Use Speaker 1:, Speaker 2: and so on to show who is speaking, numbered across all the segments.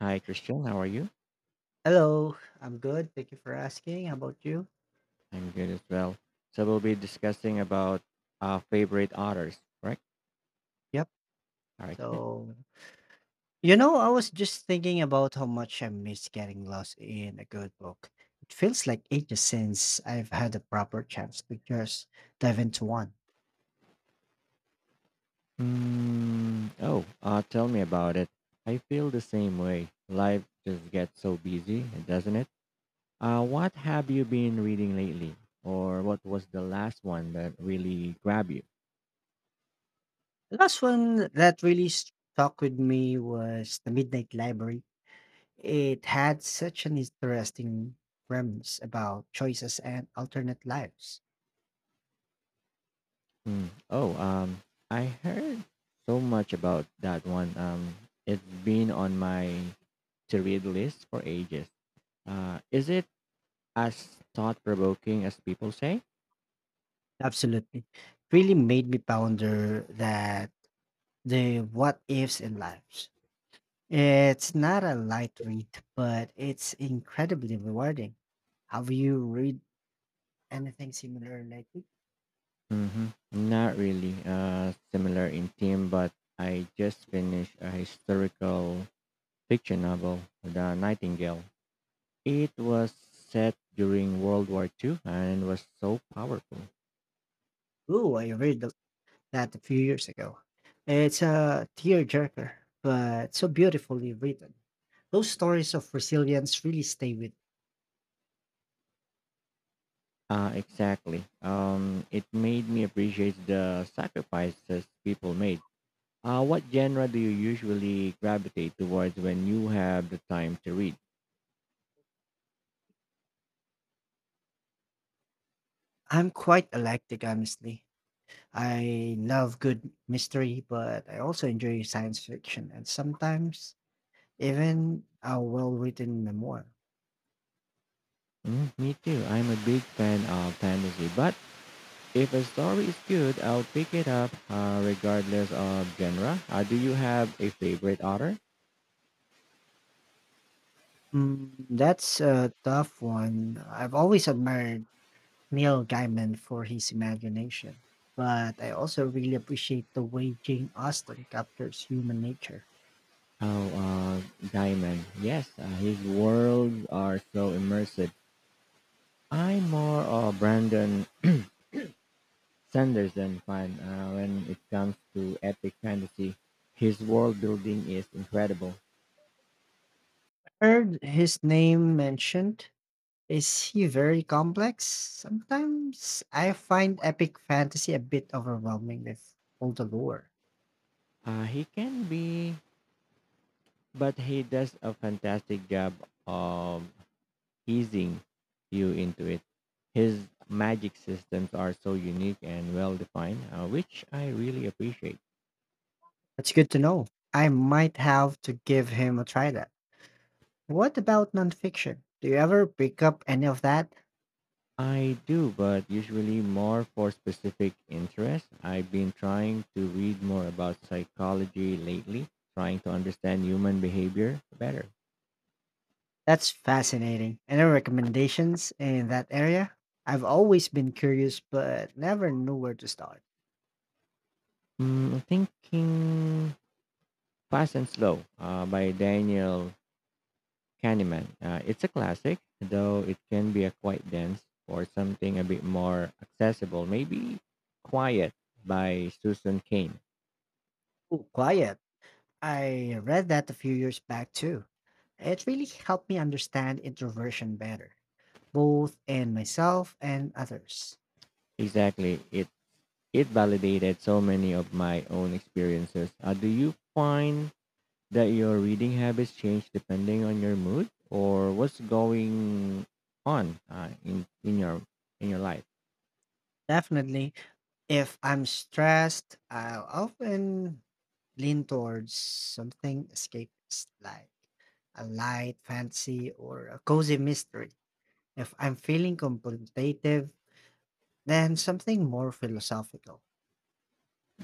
Speaker 1: Hi, Christian. How are you?
Speaker 2: Hello, I'm good. Thank you for asking. How about you?
Speaker 1: I'm good as well. So we'll be discussing about favorite authors, correct?
Speaker 2: Yep.
Speaker 1: All right. Good.
Speaker 2: So, I was just thinking about how much I miss getting lost in a good book. It feels like ages since I've had a proper chance to just dive into one.
Speaker 1: Mm, oh, tell me about it. I feel the same way. Life just gets so busy, doesn't it? What have you been reading lately, or what was the last one that really grabbed you?
Speaker 2: The last one that really stuck with me was The Midnight Library. It had such an interesting premise about choices and alternate lives.
Speaker 1: Hmm. Oh, I heard so much about that one. It's been on my to read list for ages. Is it as thought provoking as people say?
Speaker 2: Absolutely. It really made me ponder that the what ifs in life. It's not a light read, but it's incredibly rewarding. Have you read anything similar lately?
Speaker 1: Hmm, not really. Similar in theme, but I just finished a historical fiction novel, The Nightingale. It was set during World War II and was so powerful.
Speaker 2: Ooh, I read that a few years ago. It's a tearjerker, but so beautifully written. Those stories of resilience really stay with.
Speaker 1: Exactly. It made me appreciate the sacrifices people made. What genre do you usually gravitate towards when you have the time to read?
Speaker 2: I'm quite eclectic, honestly. I love good mystery, but I also enjoy science fiction and sometimes even a well written memoir.
Speaker 1: Mm, me too. I'm a big fan of fantasy, but if a story is good, I'll pick it up regardless of genre. Do you have a favorite author?
Speaker 2: That's a tough one. I've always admired Neil Gaiman for his imagination, but I also really appreciate the way Jane Austen captures human nature.
Speaker 1: Oh, Gaiman. Yes, his worlds are so immersive. I'm more of Brandon Sanderson fan when it comes to epic fantasy. His world building is incredible.
Speaker 2: Heard his name mentioned. Is he very complex? Sometimes I find epic fantasy a bit overwhelming with all the lore.
Speaker 1: He can be, but he does a fantastic job of easing you into it. His magic systems are so unique and well defined, which I really appreciate.
Speaker 2: That's good to know. I might have to give him a try that. What about nonfiction? Do you ever pick up any of that?
Speaker 1: I do, but usually more for specific interests. I've been trying to read more about psychology lately, trying to understand human behavior better.
Speaker 2: That's fascinating. Any recommendations in that area? I've always been curious but never knew where to start.
Speaker 1: Mm, thinking Fast and Slow by Daniel Candyman. It's a classic, though it can be a quite dense or something a bit more accessible. Maybe Quiet by Susan Kane.
Speaker 2: Oh, quiet. I read that a few years back too. It really helped me understand introversion better, both in myself and others.
Speaker 1: Exactly. It validated so many of my own experiences. Do you find that your reading habits change depending on your mood or what's going on in your in your life?
Speaker 2: Definitely, if I'm stressed, I'll often lean towards something escapist like a light fantasy or a cozy mystery. If I'm feeling contemplative, then something more philosophical.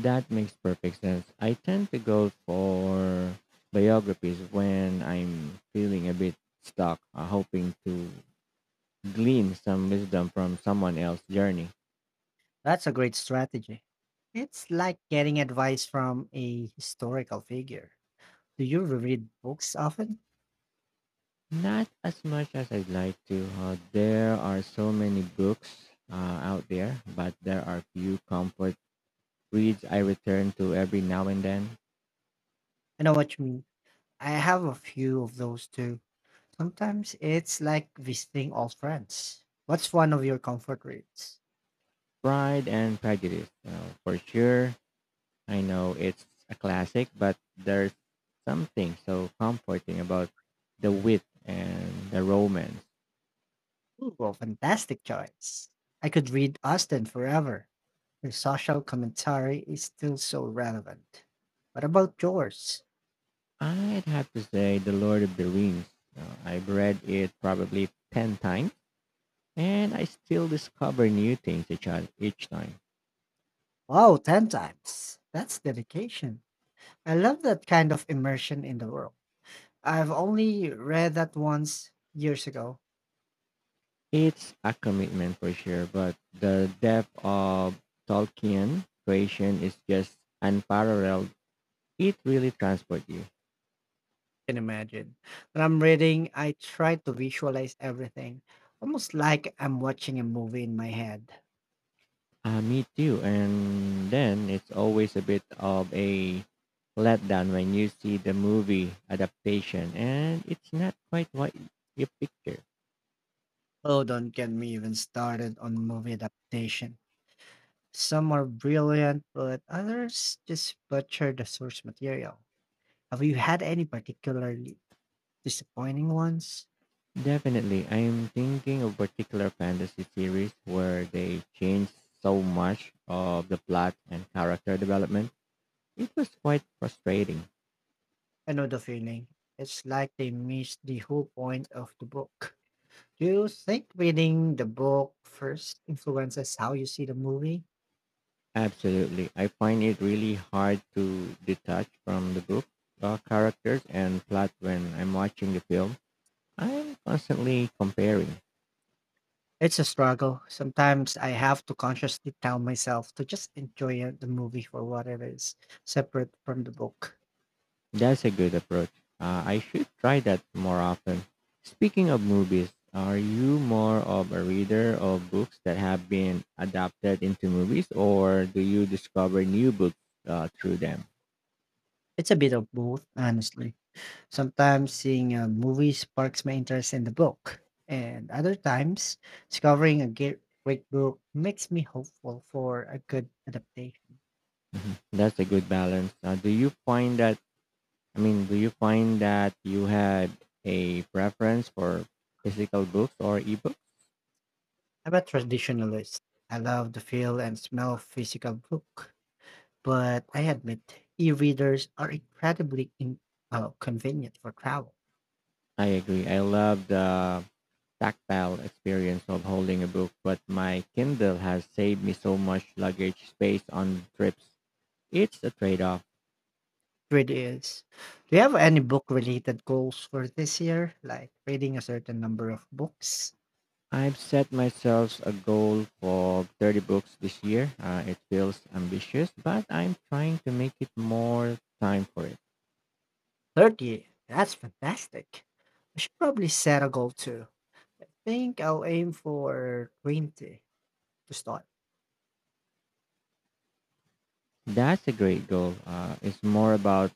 Speaker 1: That makes perfect sense. I tend to go for biographies when I'm feeling a bit stuck, hoping to glean some wisdom from someone else's journey.
Speaker 2: That's a great strategy. It's like getting advice from a historical figure. Do you read books often?
Speaker 1: Not as much as I'd like to. There are so many books out there, but there are few comfort reads I return to every now and then.
Speaker 2: I know what you mean. I have a few of those too. Sometimes it's like visiting old friends. What's one of your comfort reads?
Speaker 1: Pride and Prejudice, for sure, I know it's a classic, but there's something so comforting about the wit and the romance.
Speaker 2: Ooh, well, fantastic choice. I could read Austen forever. Her social commentary is still so relevant. What about yours?
Speaker 1: I'd have to say The Lord of the Rings. I've read it probably 10 times and I still discover new things each time.
Speaker 2: Wow, 10 times. That's dedication. I love that kind of immersion in the world. I've only read that once years ago.
Speaker 1: It's a commitment for sure, but the depth of Tolkien creation is just unparalleled. It really transports you.
Speaker 2: Can imagine. When I'm reading, I try to visualize everything, almost like I'm watching a movie in my head.
Speaker 1: Me too. And then it's always a bit of a letdown when you see the movie adaptation and it's not quite what you picture.
Speaker 2: Oh, don't get me even started on movie adaptation. Some are brilliant, but others just butcher the source material. Have you had any particularly disappointing ones?
Speaker 1: Definitely, I'm thinking of particular fantasy series where they changed so much of the plot and character development. It was quite frustrating.
Speaker 2: I know the feeling. It's like they missed the whole point of the book. Do you think reading the book first influences how you see the movie?
Speaker 1: Absolutely. I find it really hard to detach from the book characters and plot when I'm watching the film. I'm constantly comparing.
Speaker 2: It's a struggle. Sometimes I have to consciously tell myself to just the movie for what it is, separate from the book.
Speaker 1: That's a good approach. I should try that more often. Speaking of movies, are you more of a reader of books that have been adapted into movies, or do you discover new books through them?
Speaker 2: It's a bit of both, honestly. Sometimes seeing a movie sparks my interest in the book, and other times discovering a great book makes me hopeful for a good adaptation.
Speaker 1: Mhm. That's a good balance. Do you find that? I mean, do you find that you had a preference for physical books or ebooks?
Speaker 2: I'm a traditionalist. I love the feel and smell of physical book, but I admit e-readers are incredibly convenient for travel.
Speaker 1: I agree. I love the tactile experience of holding a book, but my Kindle has saved me so much luggage space on trips. It's a trade off.
Speaker 2: It really is. Do you have any book-related goals for this year, like reading a certain number of books?
Speaker 1: I've set myself a goal for 30 books this year. It feels ambitious, but I'm trying to make it more time for it.
Speaker 2: 30. That's fantastic. I should probably set a goal too. I think I'll aim for 20 to start.
Speaker 1: That's a great goal. It's more about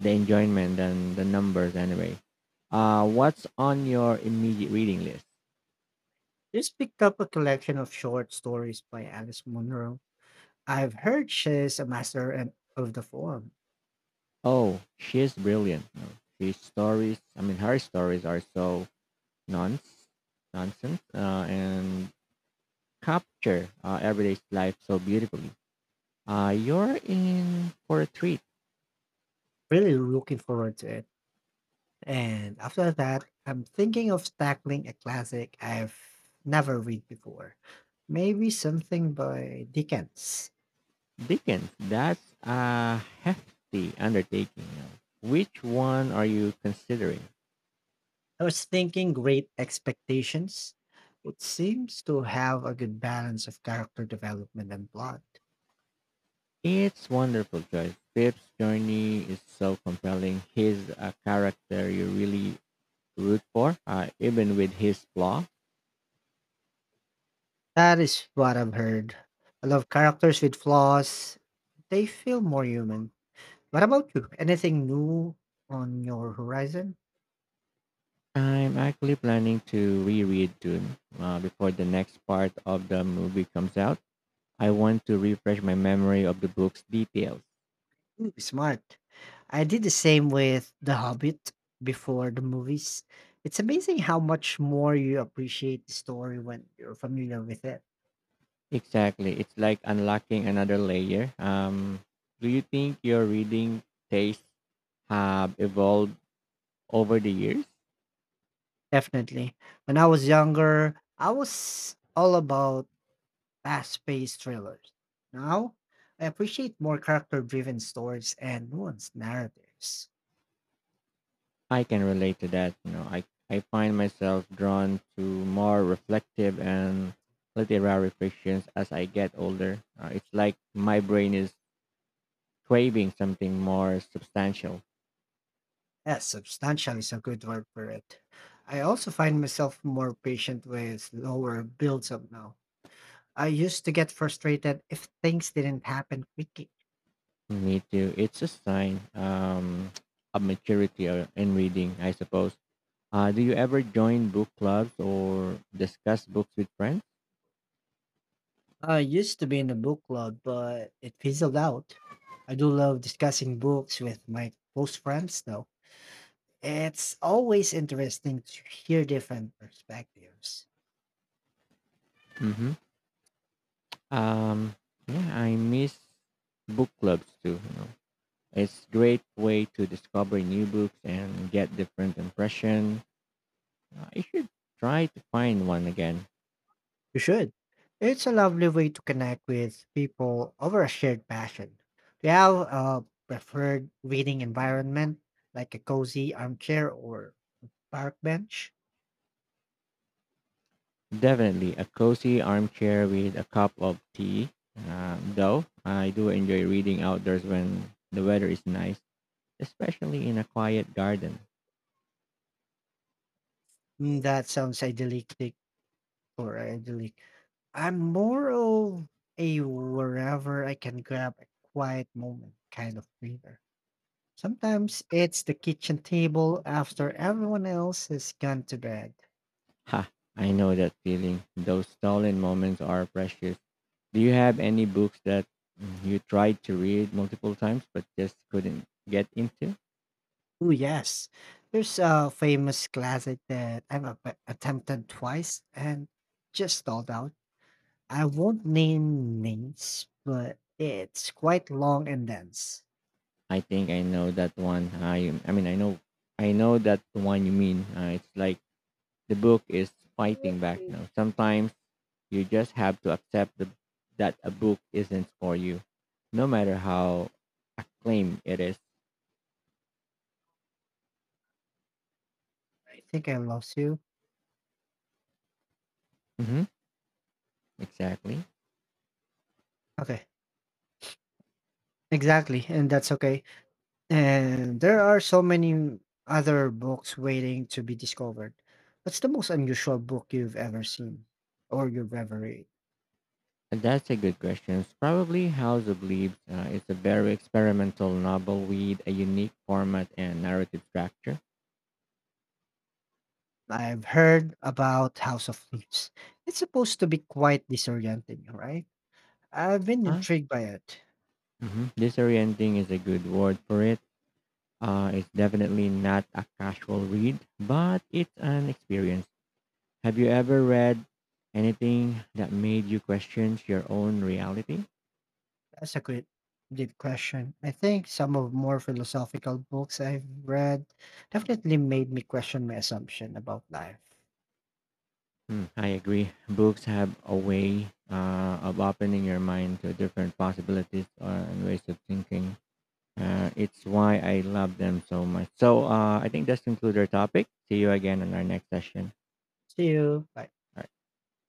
Speaker 1: the enjoyment than the numbers, anyway. What's on your immediate reading list?
Speaker 2: Just picked up a collection of short stories by Alice Munro. I've heard she's a of the form.
Speaker 1: Oh, she's brilliant. No, She's stories, I mean, her stories are so nonce, nonsense and capture everyday life so beautifully. You're in for a treat.
Speaker 2: Really looking forward to it. And after that, I'm thinking of tackling a classic I've never read before. Maybe something by Dickens.
Speaker 1: Dickens, that's a hefty undertaking. You know, which one are you considering?
Speaker 2: I was thinking Great Expectations. It seems to have a good balance of character development and plot.
Speaker 1: It's wonderful, choice. Pip's journey is so compelling. He's a character you really root for, even with his flaw.
Speaker 2: That is what I've heard. I love characters with flaws. They feel more human. What about you? Anything new on your horizon?
Speaker 1: I'm actually planning to reread Dune before the next part of the movie comes out. I want to refresh my memory of the book's details.
Speaker 2: Ooh, smart. I did the same with The Hobbit before the movies. It's amazing how much more you appreciate the story when you're familiar with it.
Speaker 1: Exactly. It's like unlocking another layer. Do you think your reading tastes have evolved over the years?
Speaker 2: Definitely. When I was younger, I was all about fast-paced thrillers. Now, I appreciate more character-driven stories and nuanced narratives.
Speaker 1: I can relate to that. You know, I find myself drawn to more reflective and literary fictions as I get older. It's like my brain is craving something more substantial.
Speaker 2: Yes, substantial is a good word for it. I also find myself more patient with lower builds up now. I used to get frustrated if things didn't happen quickly.
Speaker 1: Me too. It's a sign of maturity in reading, I suppose. Do you ever join book clubs or discuss books with friends?
Speaker 2: I used to be in a book club, but it fizzled out. I do love discussing books with my close friends, though. It's always interesting to hear different perspectives.
Speaker 1: Hmm. Um, yeah, I miss book clubs too. You know, it's great way to discover new books and get different impression. I should try to find one again.
Speaker 2: You should. It's a lovely way to connect with people over a shared passion. Do you have a preferred reading environment, like a cozy armchair or park bench?
Speaker 1: Definitely a cozy armchair with a cup of tea. Though I do enjoy reading outdoors when the weather is nice, especially in a quiet garden.
Speaker 2: Mm, that sounds idyllic or idyllic. I'm more of a wherever I can grab a quiet moment kind of reader. Sometimes it's the kitchen table after everyone else has gone to bed.
Speaker 1: Ha, I know that feeling. Those stolen moments are precious. Do you have any books that you tried to read multiple times but just couldn't get into?
Speaker 2: Oh yes. There's a famous classic that I've attempted twice and just stalled out. I won't name names, but it's quite long and dense.
Speaker 1: I think I know that one. I know that one you mean. It's like the book is fighting back, you
Speaker 2: I
Speaker 1: know. Sometimes you just have to accept that a book isn't for you, no matter how claim it is.
Speaker 2: think I lost you.
Speaker 1: Mm-hmm. Exactly.
Speaker 2: Okay, exactly, and that's okay. And there are so many other books waiting to be discovered. What's the most unusual book you've ever seen or you've ever read?
Speaker 1: And that's a good question. It's probably House of Leaves. It's a very experimental novel with a unique format and narrative structure.
Speaker 2: I've heard about House of Leaves. It's supposed to be quite disorienting, right? I've been
Speaker 1: Uh,
Speaker 2: intrigued by it.
Speaker 1: mhm. Disorienting is a good word for it. It's definitely not a casual read, but it's an experience. Have you ever read anything that made you question your own reality?
Speaker 2: That's a good, deep question. I think some of more philosophical books I've read definitely made me question my assumption about life.
Speaker 1: Hmm, I agree. Books have a way of opening your mind to different possibilities and ways of thinking. It's why I love them so much. So I think that's conclude our topic. See you again on our next session.
Speaker 2: See you. Bye.
Speaker 1: All right.